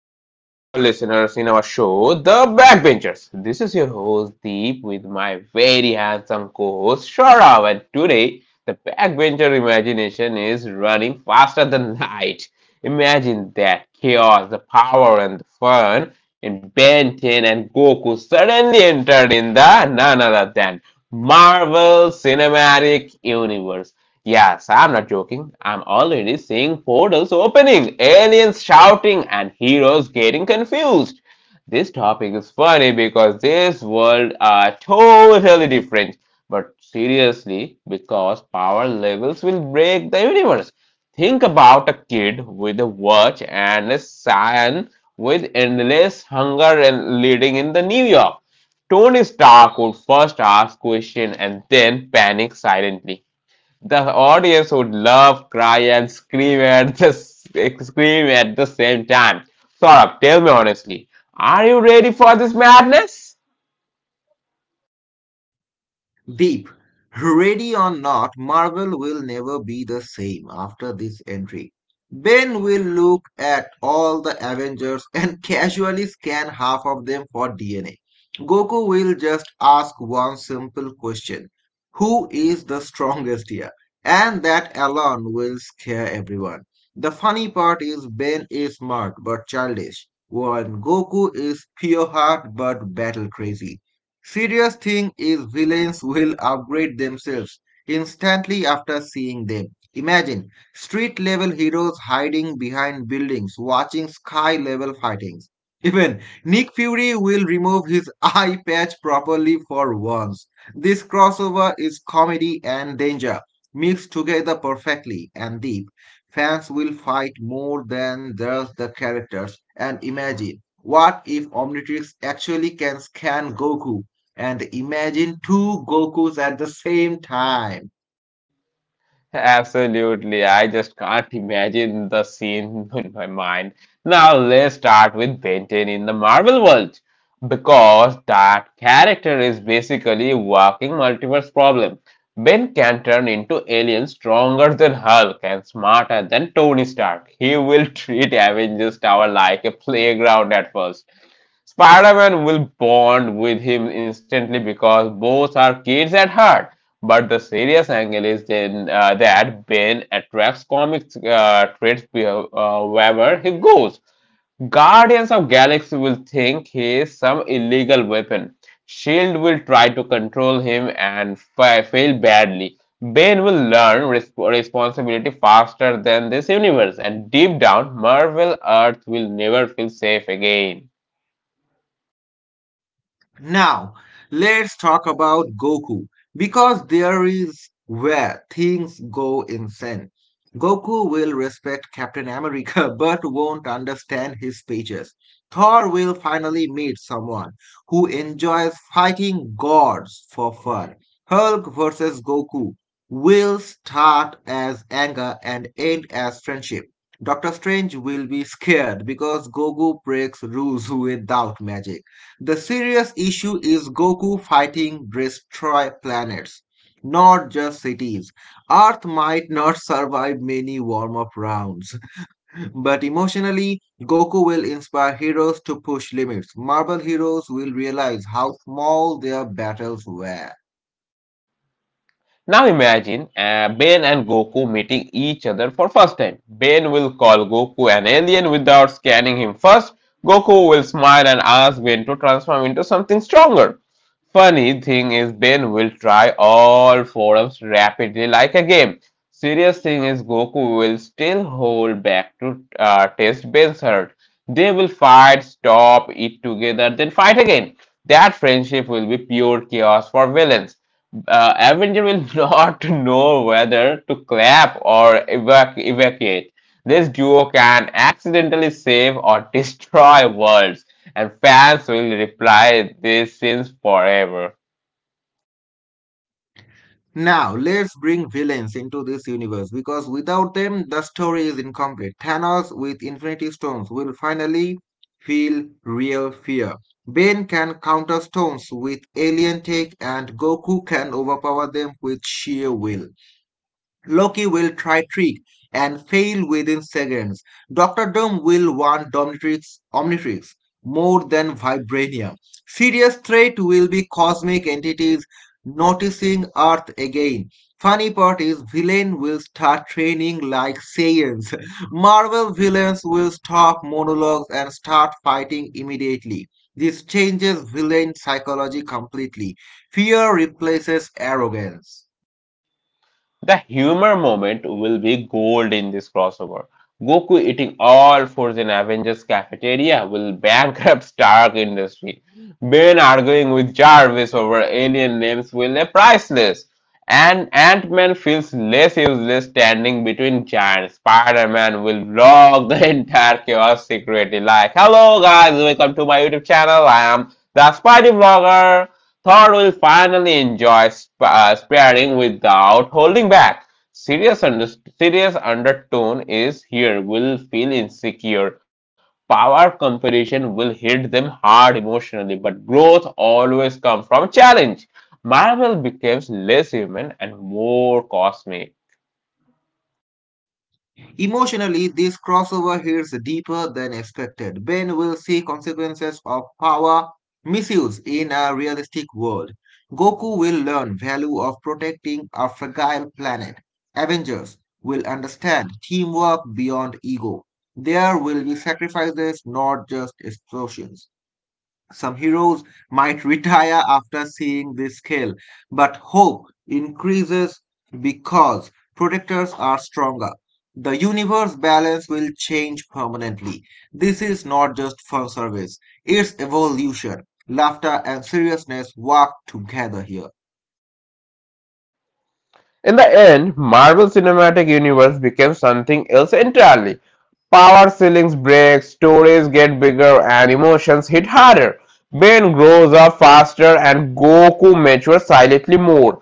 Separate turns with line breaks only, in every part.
back to all our listeners in our show, The Backbenchers. This is your host Deep with my very handsome co-host Sharav, and today the backbencher imagination is running faster than light. Imagine that chaos, the power and the fun in Ben 10 and Goku suddenly entered in the none other than Marvel Cinematic Universe. Yes, I'm not joking. I'm already seeing portals opening, aliens shouting, and heroes getting confused. This topic is funny because this world are totally different. But seriously, because power levels will break the universe. Think about a kid with a watch and a son with endless hunger and leading in the New York. Tony Stark would first ask question and then panic silently. The audience would love, cry, and scream at the same time. Saurabh, tell me honestly, are you ready for this madness?
Deep. Ready or not, Marvel will never be the same after this entry. Ben will look at all the Avengers and casually scan half of them for DNA. Goku will just ask one simple question, who is the strongest here? And that alone will scare everyone. The funny part is Ben is smart but childish, while Goku is pure heart but battle crazy. Serious thing is villains will upgrade themselves instantly after seeing them. Imagine street level heroes hiding behind buildings, watching sky level fightings. Even Nick Fury will remove his eye patch properly for once. This crossover is comedy and danger mixed together perfectly and deep. Fans will fight more than just the characters and imagine what if Omnitrix actually can scan Goku and imagine two Gokus at the same time.
Absolutely. I just can't imagine the scene in my mind. Now let's start with Benton in the Marvel world because that character is basically working multiverse problem. Ben can turn into aliens stronger than Hulk and smarter than Tony Stark. He will treat Avengers Tower like a playground at first, Spider-Man will bond with him instantly because both are kids at heart. But the serious angle is then that Ben attracts comic traits wherever he goes. Guardians of Galaxy will think he is some illegal weapon. Shield will try to control him and fail badly. Ben will learn responsibility faster than this universe, and deep down, Marvel Earth will never feel safe again.
Now, let's talk about Goku because there is where things go insane. Goku will respect Captain America but won't understand his speeches. Thor will finally meet someone who enjoys fighting gods for fun. Hulk versus Goku will start as anger and end as friendship. Doctor Strange will be scared because Goku breaks rules without magic. The serious issue is Goku fighting destroy planets, not just cities. Earth might not survive many warm up rounds, but emotionally, Goku will inspire heroes to push limits. Marvel heroes will realize how small their battles were.
Now imagine Ben and Goku meeting each other for first time. Ben will call Goku an alien without scanning him first. Goku will smile and ask Ben to transform into something stronger. Funny thing is Ben will try all forms rapidly like a game. Serious thing is Goku will still hold back to test Ben's hurt. They will fight, stop, eat together, then fight again. That friendship will be pure chaos for villains Avenger will not know whether to clap or evacuate. This duo can accidentally save or destroy worlds, and fans will reply these scenes forever.
Now, let's bring villains into this universe because without them, the story is incomplete. Thanos with Infinity Stones will finally feel real fear. Ben can counter stones with alien tech, and Goku can overpower them with sheer will. Loki will try trick and fail within seconds. Doctor Doom will want Dominatrix, Omnitrix more than Vibranium. Serious threat will be cosmic entities noticing Earth again. Funny part is villain will start training like Saiyans. Marvel villains will stop monologues and start fighting immediately. This changes villain psychology completely. Fear replaces arrogance.
The humor moment will be gold in this crossover. Goku eating all fours in Avengers cafeteria will bankrupt Stark Industry. Ben arguing with Jarvis over alien names will be priceless. And Ant-Man feels less useless standing between giants. Spider-Man will vlog the entire chaos secretly like, "Hello guys, welcome to my YouTube channel. I am the Spidey Vlogger." Thor will finally enjoy sparring without holding back. Serious, under- Serious undertone is here, will feel insecure. Power competition will hit them hard emotionally, but growth always comes from challenge. Marvel becomes less human and more cosmic.
Emotionally, this crossover hits deeper than expected. Ben will see consequences of power misuse in a realistic world. Goku will learn value of protecting a fragile planet. Avengers will understand teamwork beyond ego. There will be sacrifices, not just explosions. Some heroes might retire after seeing this scale, but hope increases because protectors are stronger. The universe balance will change permanently. This is not just fan service, it's evolution. Laughter and seriousness work together here.
In the end, Marvel Cinematic Universe became something else entirely. Power ceilings break, stories get bigger, and emotions hit harder. Ben grows up faster, and Goku matures silently more.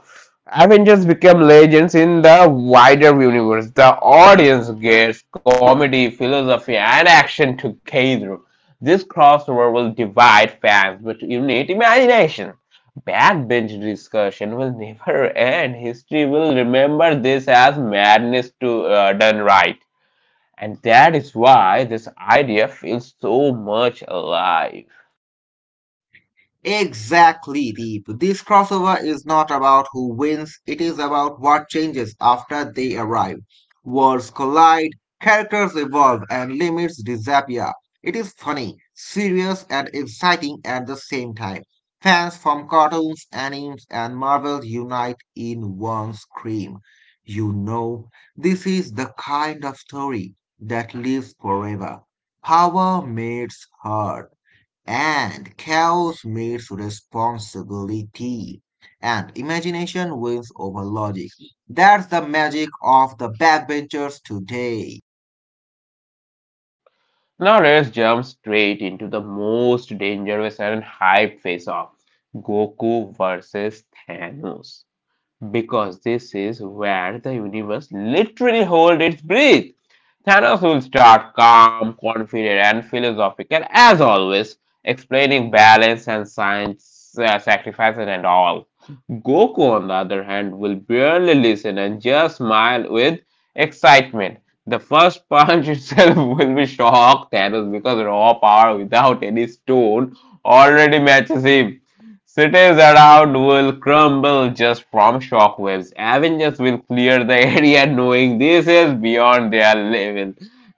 Avengers become legends in the wider universe. The audience gets comedy, philosophy, and action together. This crossover will divide fans but unite imagination. Backbench discussion will never end. History will remember this as madness to done right. And that is why this idea feels so much alive.
Exactly, Deep. This crossover is not about who wins, it is about what changes after they arrive. Worlds collide, characters evolve, and limits disappear. It is funny, serious, and exciting at the same time. Fans from cartoons, animes, and Marvel unite in one scream. You know, this is the kind of story that lives forever. Power meets heart and chaos meets responsibility, and imagination wins over logic. That's the magic of the backbenchers today.
Now let's jump straight into the most dangerous and hyped face off Goku versus Thanos, because this is where the universe literally holds its breath. Thanos will start calm, confident, and philosophical as always, explaining balance and science, sacrifices, and all. Goku, on the other hand, will barely listen and just smile with excitement. The first punch itself will be shock Thanos because raw power without any stone already matches him. Cities around will crumble just from shockwaves. Avengers will clear the area knowing this is beyond their level.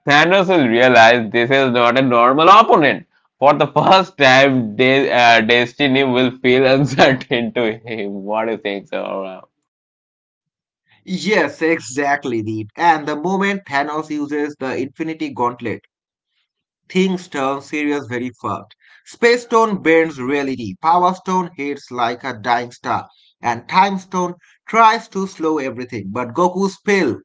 Thanos will realize this is not a normal opponent. For the first time, destiny will feel uncertain to him. What do you think, Saurabh?
Yes, exactly, Deep. And the moment Thanos uses the Infinity Gauntlet, things turn serious very fast. Space Stone bends reality, Power Stone hits like a dying star, and Time Stone tries to slow everything. But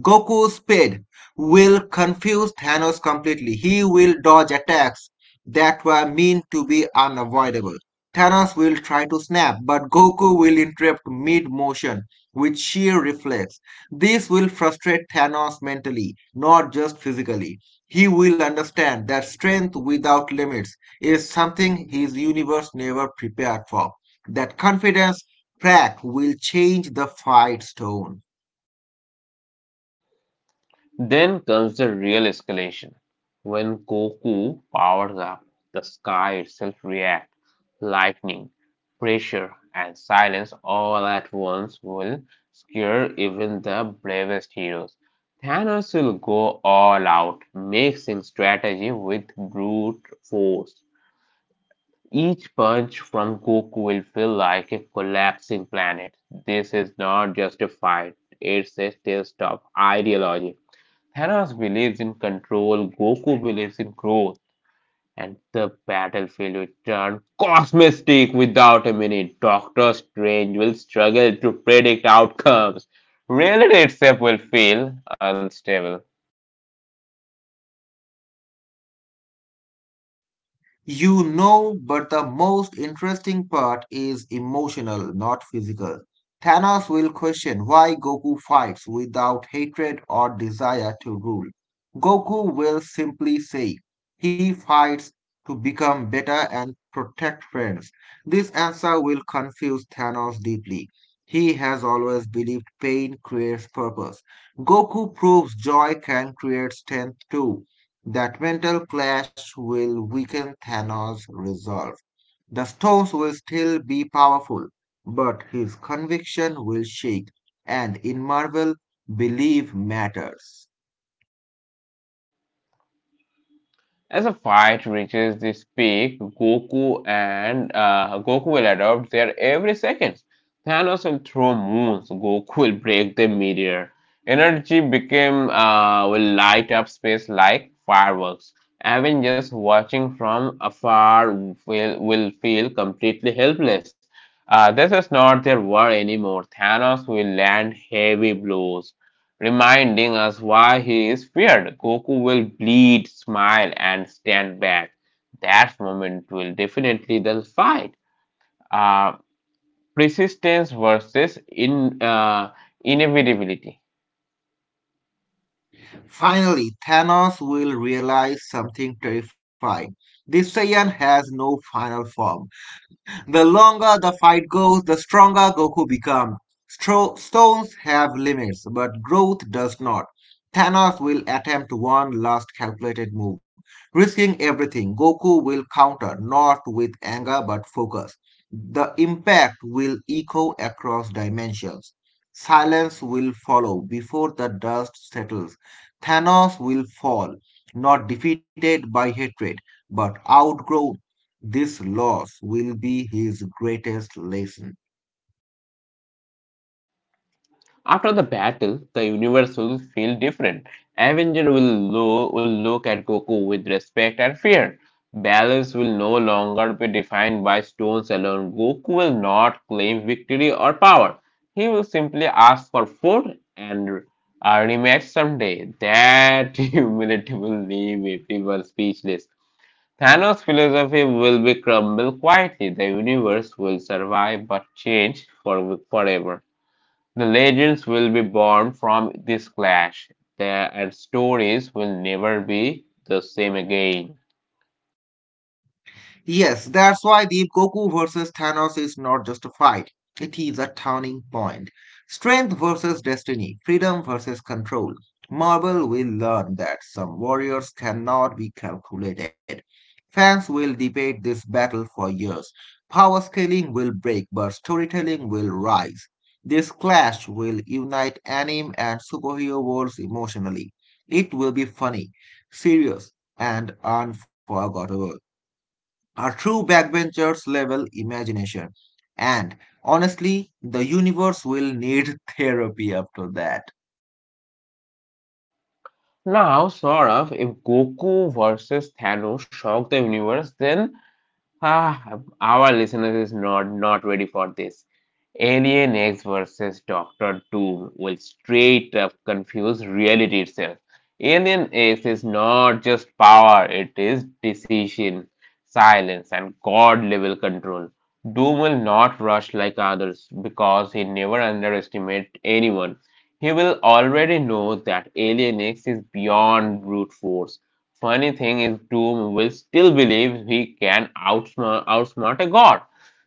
Goku's speed will confuse Thanos completely. He will dodge attacks that were meant to be unavoidable. Thanos will try to snap, but Goku will interrupt mid motion with sheer reflex. This will frustrate Thanos mentally, not just physically. He will understand that strength without limits is something his universe never prepared for. That confidence crack will change the fight's tone.
Then comes the real escalation. When Goku powers up, the sky itself reacts. Lightning, pressure, and silence all at once will scare even the bravest heroes. Thanos will go all out, mixing strategy with brute force. Each punch from Goku will feel like a collapsing planet. This is not just a fight; it's a test of ideology. Thanos believes in control, Goku believes in growth, and the battlefield will turn cosmistic without a minute. Doctor Strange will struggle to predict outcomes. Reality itself will feel unstable.
You know, but the most interesting part is emotional, not physical. Thanos will question why Goku fights without hatred or desire to rule. Goku will simply say he fights to become better and protect friends. This answer will confuse Thanos deeply. He has always believed pain creates purpose. Goku proves joy can create strength too. That mental clash will weaken Thanos' resolve. The stones will still be powerful, but his conviction will shake, and in Marvel, belief matters.
As the fight reaches this peak, Goku will adopt their every second. Thanos will throw moons. Goku will break the meteor. Energy became will light up space like fireworks. Avengers watching from afar will feel completely helpless. This is not their war anymore. Thanos will land heavy blows reminding us why he is feared. Goku will bleed, smile, and stand back. That moment will definitely the fight. Uh, Persistence versus in inevitability.
Finally, Thanos will realize something terrifying. The Saiyan has no final form. The longer the fight goes, the stronger Goku becomes. Stones have limits, but growth does not. Thanos will attempt one last calculated move, risking everything. Goku will counter, not with anger but focus. The impact will echo across dimensions. Silence will follow before the dust settles. Thanos will fall, not defeated by hatred, but outgrow this loss will be his greatest lesson.
After the battle, the universe will feel different. Avenger will look at Goku with respect and fear. Balance will no longer be defined by stones alone. Goku will not claim victory or power. He will simply ask for food and a rematch someday. That humility will leave everyone speechless. Thanos' philosophy will be crumbled quietly. The universe will survive but change for forever. The legends will be born from this clash, there and stories will never be the same again.
Yes, that's why the Goku versus Thanos is not just a fight. It is a turning point. Strength versus destiny, freedom versus control. Marvel will learn that some warriors cannot be calculated. Fans will debate this battle for years. Power scaling will break, but storytelling will rise. This clash will unite anime and superhero worlds emotionally. It will be funny, serious, and unforgettable. A true backbenchers level imagination. And honestly, the universe will need therapy after that.
Now, Saurabh, if Goku versus Thanos shocked the universe, then ah, our listeners is not ready for this. Alien X versus Doctor Doom will straight up confuse reality itself. Alien X is not just power, it is decision, silence, and god level control. Doom will not rush like others because he never underestimates anyone. He will already know that Alien X is beyond brute force. Funny thing is, Doom will still believe he can outsmart a god.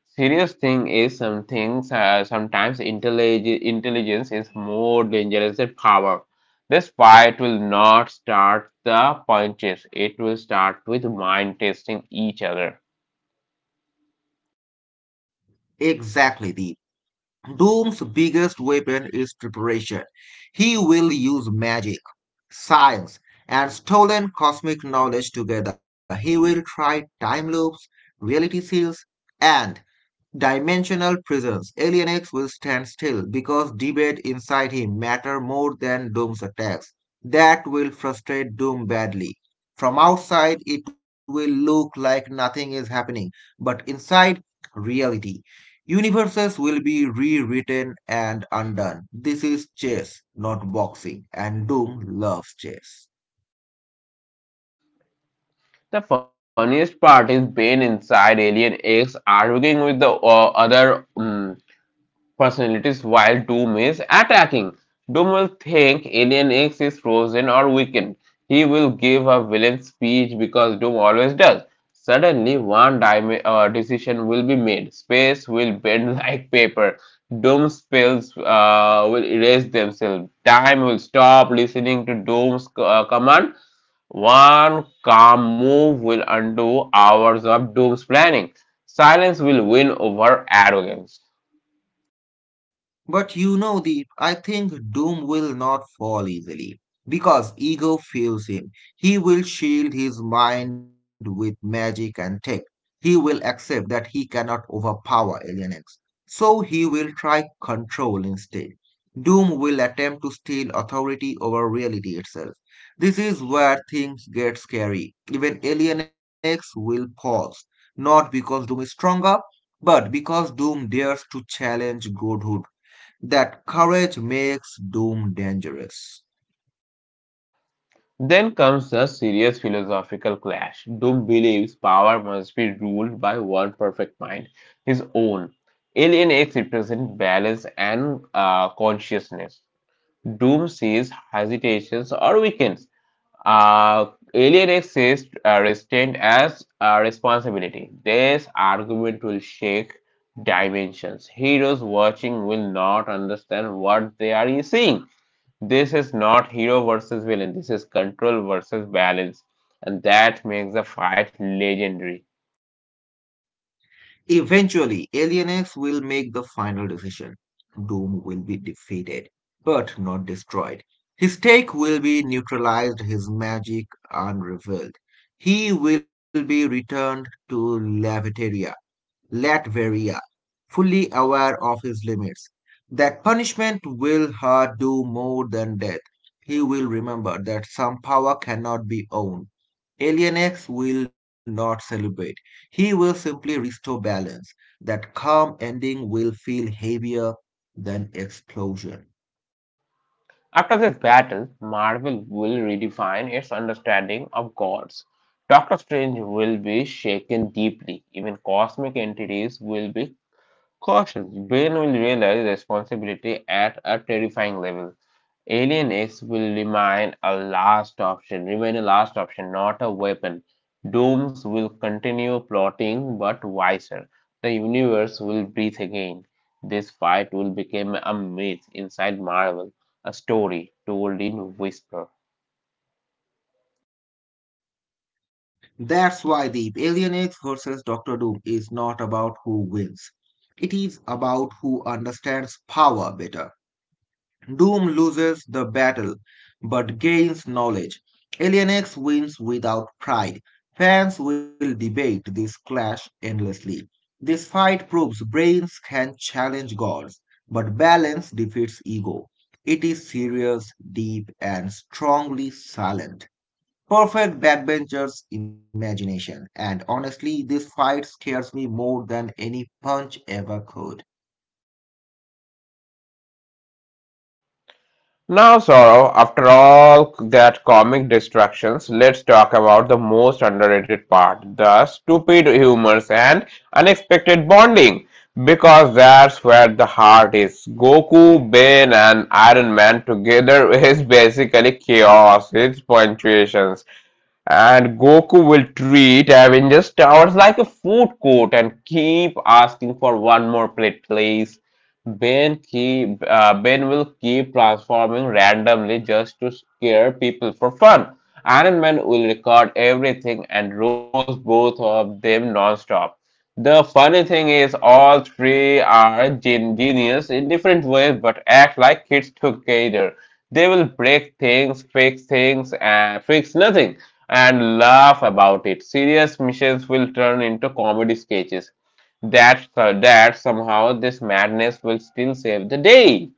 Serious thing is, sometimes intelligence is more dangerous than power. This fight will not start the punches; it will start with mind testing each other.
Exactly, the Doom's biggest weapon is preparation. He will use magic, science, and stolen cosmic knowledge together. He will try time loops, reality seals, and dimensional prisons. Alien X will stand still because debate inside him matter more than Doom's attacks. That will frustrate Doom badly. From outside, it will look like nothing is happening, but inside, reality. Universes will be rewritten and undone. This is chess, not boxing, and Doom loves chess.
The funniest part is Bane inside Alien X arguing with the other personalities while Doom is attacking. Doom will think Alien X is frozen or weakened. He will give a villain speech because Doom always does. Suddenly, one decision will be made. Space will bend like paper. Doom spells will erase themselves. Time will stop listening to Doom's command. One calm move will undo hours of Doom's planning. Silence will win over arrogance.
But you know, the I think Doom will not fall easily because ego fuels him. He will shield his mind with magic and tech. He will accept that he cannot overpower Alien X. So he will try control instead. Doom will attempt to steal authority over reality itself. This is where things get scary. Even Alien X will pause, not because Doom is stronger, but because Doom dares to challenge godhood, that courage makes doom dangerous.
Then comes the serious philosophical clash. Doom believes power must be ruled by one perfect mind, his own. L and X represent balance and consciousness. Doom sees hesitations or weakens. Uh, L and X sees restraint as a responsibility. This argument will shake dimensions. Heroes watching will not understand what they are seeing. This is not hero versus villain, this is control versus balance, and that makes the fight legendary.
Eventually, Alien X will make the final decision. Doom will be defeated, but not destroyed. His stake will be neutralized, his magic unrevealed. He will be returned to Latveria, fully aware of his limits. That punishment will hurt do more than death. He will remember that some power cannot be owned. Alien X will not celebrate. He will simply restore balance. That calm ending will feel heavier than explosion.
After this battle, Marvel will redefine its understanding of gods. Doctor Strange will be shaken deeply, even cosmic entities will be cautious. Bane will realize responsibility at a terrifying level. Alien X will remain a last option, not a weapon. Dooms will continue plotting, but wiser. The universe will breathe again. This fight will become a myth inside Marvel, a story told in whisper.
That's why the Alien X versus Doctor Doom is not about who wins. It is about who understands power better. Doom loses the battle but gains knowledge. Alien X wins without pride. Fans will debate this clash endlessly. This fight proves brains can challenge gods, but balance defeats ego. It is serious, deep, and strongly silent. Perfect backbencher's imagination, and honestly, this fight scares me more than any punch ever could.
Now, Sorrow, after all that comic distractions, let's talk about the most underrated part the stupid humors and unexpected bonding. Because that's where the heart is. Goku, Bane, and Iron Man together is basically chaos, it's punctuations and Goku will treat Avengers Towers like a food court and keep asking for one more plate, please. Ben will keep transforming randomly just to scare people for fun. Iron Man will record everything and roast both of them non-stop. The funny thing is, all three are genius in different ways, but act like kids together. They will break things, fix things, and fix nothing and laugh about it. Serious missions will turn into comedy sketches. That somehow this madness will still save the day.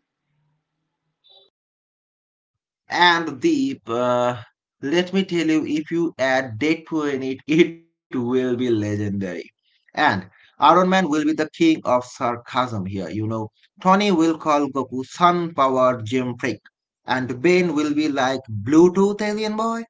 And Deep, let me tell you, if you add Deadpool in it, it will be legendary. And Iron Man will be the king of sarcasm here, you know. Tony will call Goku Sun Powered Gym Freak, and Bane will be like Bluetooth alien boy.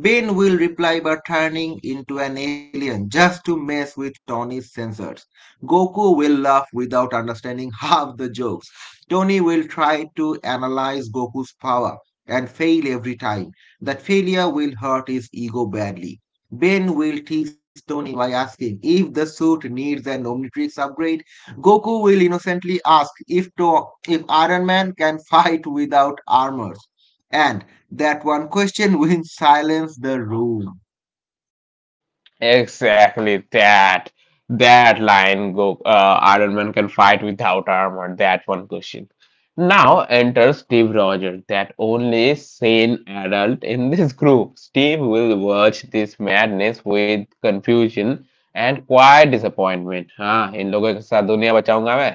Bane will reply by turning into an alien just to mess with Tony's sensors. Goku will laugh without understanding half the jokes. Tony will try to analyze Goku's power and fail every time. That failure will hurt his ego badly. Ben will tease Tony by asking if the suit needs an Omnitrix upgrade. Goku will innocently ask if Iron Man can fight without armors. And that one question will silence the room.
Exactly that. That line go Iron Man can fight without armor, that one question. Now enters Steve Rogers, that only sane adult in this group. Steve will watch this madness with confusion and quiet disappointment. हाँ इन लोगों के साथ दुनिया बचाऊंगा मैं,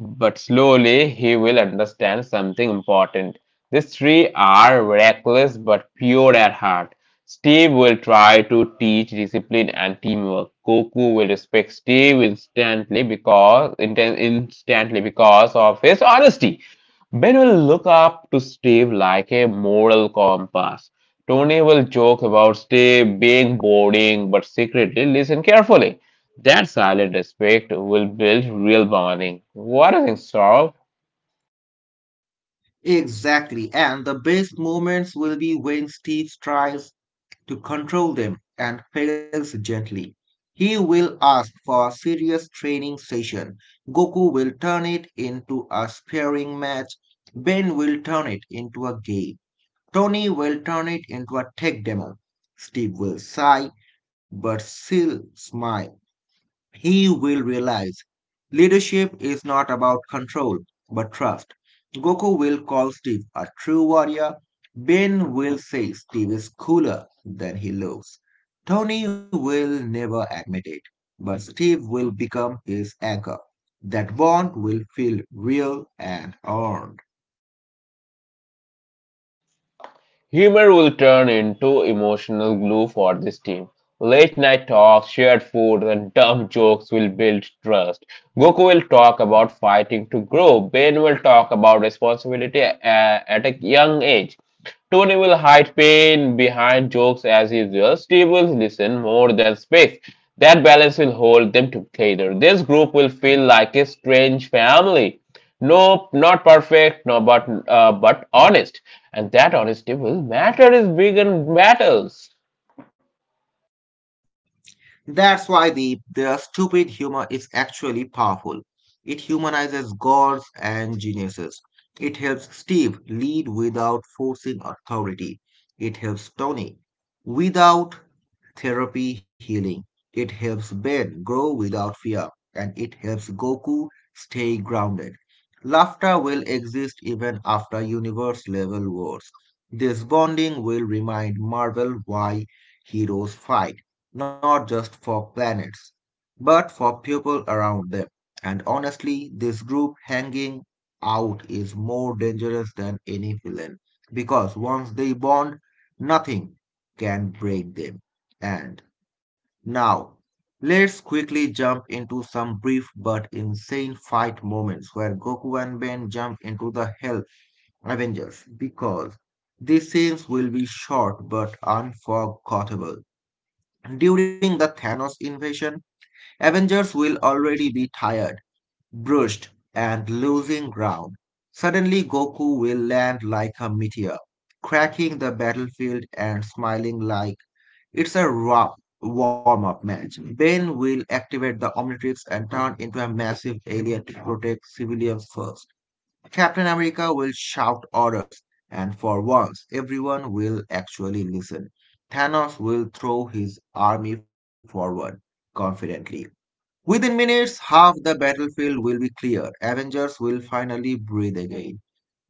but slowly he will understand something important. These three are reckless but pure at heart. Steve will try to teach discipline and teamwork. Goku will respect Steve instantly because of his honesty. Ben will look up to Steve like a moral compass. Tony will joke about Steve being boring but secretly listen carefully. That silent respect will build real bonding. What do you think, Saurabh?
Exactly, and the best moments will be when Steve tries to control them and fails gently. He will ask for a serious training session. Goku will turn it into a sparring match. Ben will turn it into a game. Tony will turn it into a tech demo. Steve will sigh but still smile. He will realize leadership is not about control, but trust. Goku will call Steve a true warrior. Ben will say Steve is cooler than he looks. Tony will never admit it, but Steve will become his anchor. That bond will feel real and earned.
Humor will turn into emotional glue for this team. Late night talks, shared food, and dumb jokes will build trust. Goku will talk about fighting to grow. Bane will talk about responsibility at a young age. Tony will hide pain behind jokes as usual. Steve will listen more than speaks. That balance will hold them together. This group will feel like a strange family. Nope, not perfect, no, but but honest, and that honesty will matter in big and battles.
That's why the stupid humor is actually powerful. It humanizes gods and geniuses. It helps Steve lead without forcing authority. It helps Tony without therapy healing. It helps Ben grow without fear, and it helps Goku stay grounded. Laughter will exist even after universe level wars. This bonding will remind Marvel why heroes fight, not just for planets, but for people around them. And honestly, this group hanging out is more dangerous than any villain because once they bond, nothing can break them. And now, let's quickly jump into some brief but insane fight moments where Goku and Ben jump into the Hell Avengers because these scenes will be short but unforgettable. During the Thanos invasion, Avengers will already be tired, bruised, and losing ground. Suddenly, Goku will land like a meteor, cracking the battlefield and smiling like it's a rough warm-up match. Bane will activate the Omnitrix and turn into a massive alien to protect civilians first. Captain America will shout orders, and for once, everyone will actually listen. Thanos will throw his army forward confidently. Within minutes, half the battlefield will be clear. Avengers will finally breathe again.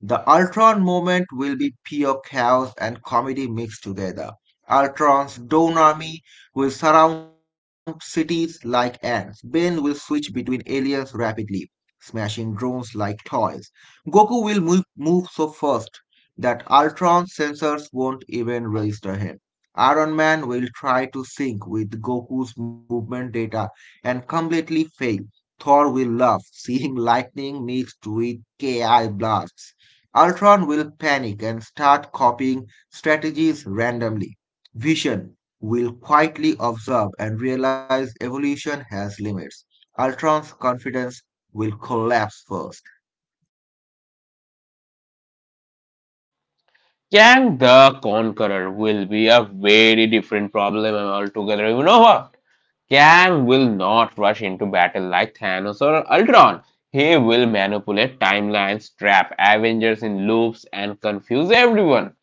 The Ultron moment will be pure chaos and comedy mixed together. Ultron's drone army will surround cities like ants. Ben will switch between aliens rapidly, smashing drones like toys. Goku will move so fast that Ultron's sensors won't even register him. Iron Man will try to sync with Goku's movement data and completely fail. Thor will love seeing lightning mixed with KI blasts. Ultron will panic and start copying strategies randomly. Vision will quietly observe and realize evolution has limits. Ultron's confidence will collapse first.
Kang the Conqueror will be a very different problem altogether. You know what? Kang will not rush into battle like Thanos or Ultron. He will manipulate timelines, trap Avengers in loops, and confuse everyone.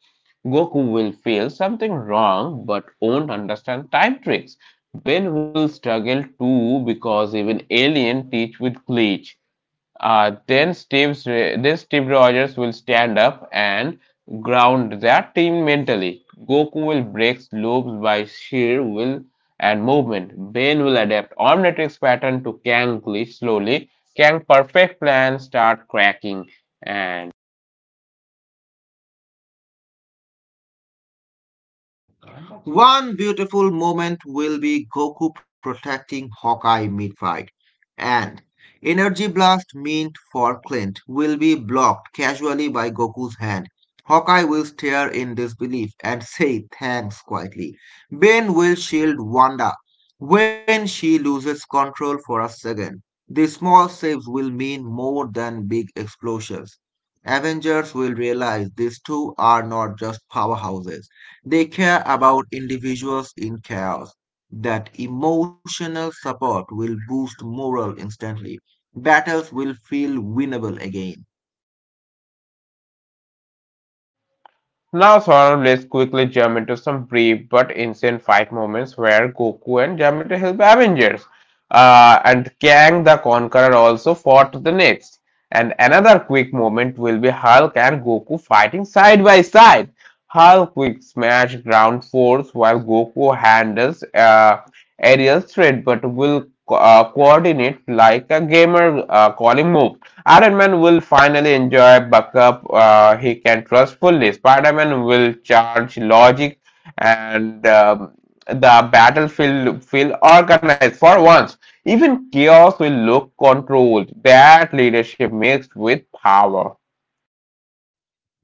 Goku will feel something wrong but won't understand time tricks. Ben will struggle too because even Alien teach with glitch. Then Steve Rogers will stand up and ground their team mentally. Goku will break loops by sheer will and movement. Ben will adapt Omnitrix pattern to Kang glitch slowly. Kang perfect plan start cracking and
One beautiful moment will be Goku protecting Hawkeye mid fight. And energy blast meant for Clint will be blocked casually by Goku's hand. Hawkeye will stare in disbelief and say thanks quietly. Ben will shield Wanda when she loses control for a second. The small saves will mean more than big explosions. Avengers will realize these two are not just powerhouses. They care about individuals in chaos. That emotional support will boost morale instantly. Battles will feel winnable again.
now Sora and Blaze quickly jump into some brief but insane fight moments where Goku and Yamato help Avengers. And Kang the Conqueror also fought the next. And another quick moment will be Hulk and Goku fighting side by side. Hulk quick smash ground force while Goku handles aerial threat but will coordinate like a gamer calling move. Iron Man will finally enjoy backup he can trust fully. Spider Man will charge logic and the battlefield feel organized for once. Even chaos will look controlled. That leadership mixed with power.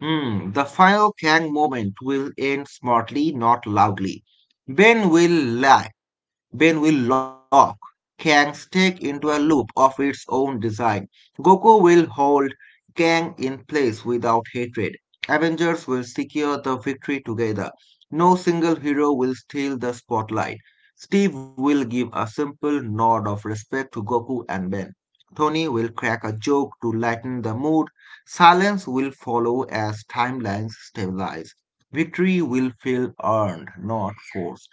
Hmm, the final Kang moment will end smartly, not loudly. Ben will lie. Ben will lock Kang's stick into a loop of its own design. Goku will hold Kang in place without hatred. Avengers will secure the victory together. No single hero will steal the spotlight. Steve will give a simple nod of respect to Goku and Ben. Tony will crack a joke to lighten the mood. Silence will follow as timelines stabilize. Victory will feel earned, not forced.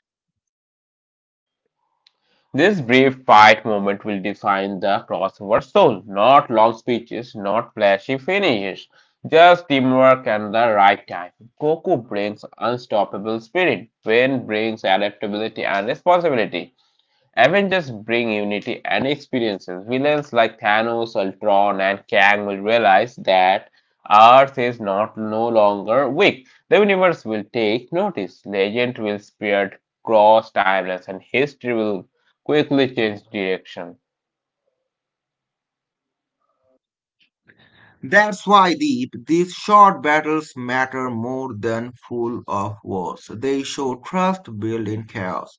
This brief fight moment will define the crossover soul. Not long speeches, not flashy finishes, just teamwork and the right time. Goku brings unstoppable spirit, Pain brings adaptability and responsibility. Avengers bring unity and experiences. Villains like Thanos, Ultron, and Kang will realize that Earth is not no longer weak. The universe will take notice. Legend will spread across timelines, and history will quickly change direction.
That's why, Deep, these short battles matter more than full of wars. They show trust built in chaos.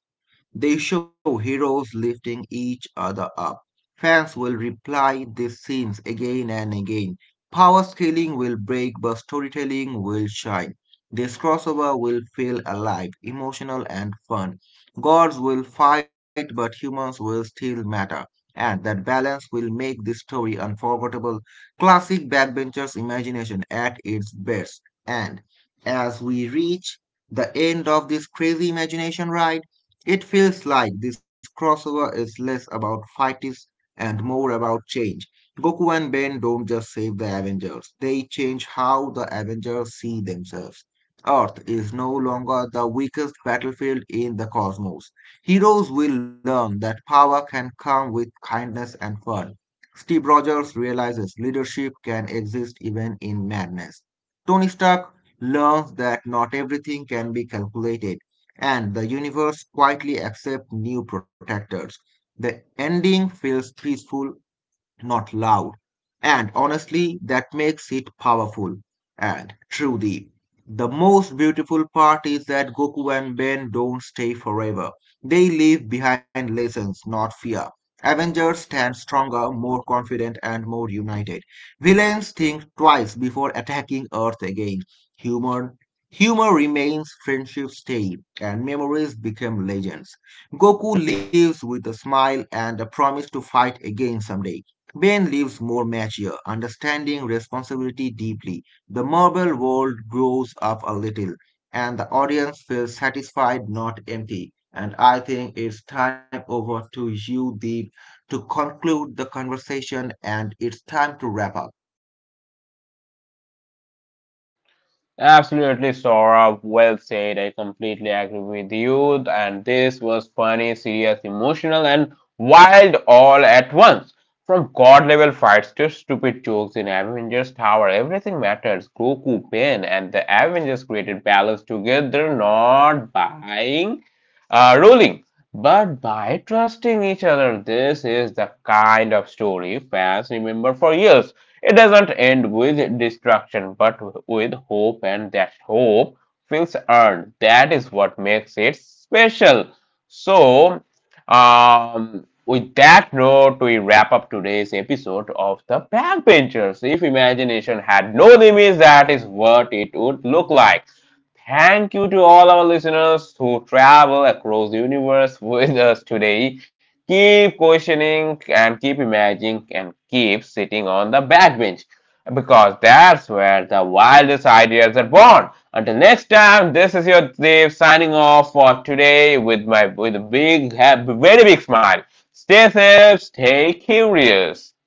They show heroes lifting each other up. Fans will replay these scenes again and again. Power scaling will break, but storytelling will shine. This crossover will feel alive, emotional, and fun. Gods will fight, but humans will still matter. And that balance will make this story unforgettable. Classic backbenchers' imagination at its best. And as we reach the end of this crazy imagination ride, it feels like this crossover is less about fights and more about change. Goku and Ben don't just save the Avengers, they change how the Avengers see themselves. Earth is no longer the weakest battlefield in the cosmos. Heroes will learn that power can come with kindness and fun. Steve Rogers realizes leadership can exist even in madness. Tony Stark learns that not everything can be calculated and the universe quietly accepts new protectors. The ending feels peaceful, not loud. And honestly, that makes it powerful and true, deep. The most beautiful part is that Goku and Ben don't stay forever. They leave behind lessons, not fear. Avengers stand stronger, more confident, and more united. Villains think twice before attacking Earth again. Humor, humor remains, friendships stay, and memories become legends. Goku lives with a smile and a promise to fight again someday. Bain leaves more mature, understanding responsibility deeply. The marble world grows up a little, and the audience feels satisfied, not empty. And I think it's time over to you, Deep, to conclude the conversation, and it's time to wrap up.
Absolutely, Saurabh. Well said. I completely agree with you. And this was funny, serious, emotional, and wild all at once. From god level fights to stupid jokes in Avengers Tower, everything matters. Goku, Pain, and the Avengers created balance together, not buying, ruling, but by trusting each other. This is the kind of story fans remember for years. It doesn't end with destruction, but with hope, and that hope feels earned. That is what makes it special. So, with that note, we wrap up today's episode of The Backbenchers. If imagination had no limits, that is what it would look like. Thank you to all our listeners who travel across the universe with us today keep questioning and keep imagining and keep sitting on the backbench because that's where the wildest ideas are born. Until next time, this is your Dave signing off for today with my with a big, very big smile. Stay safe, stay curious.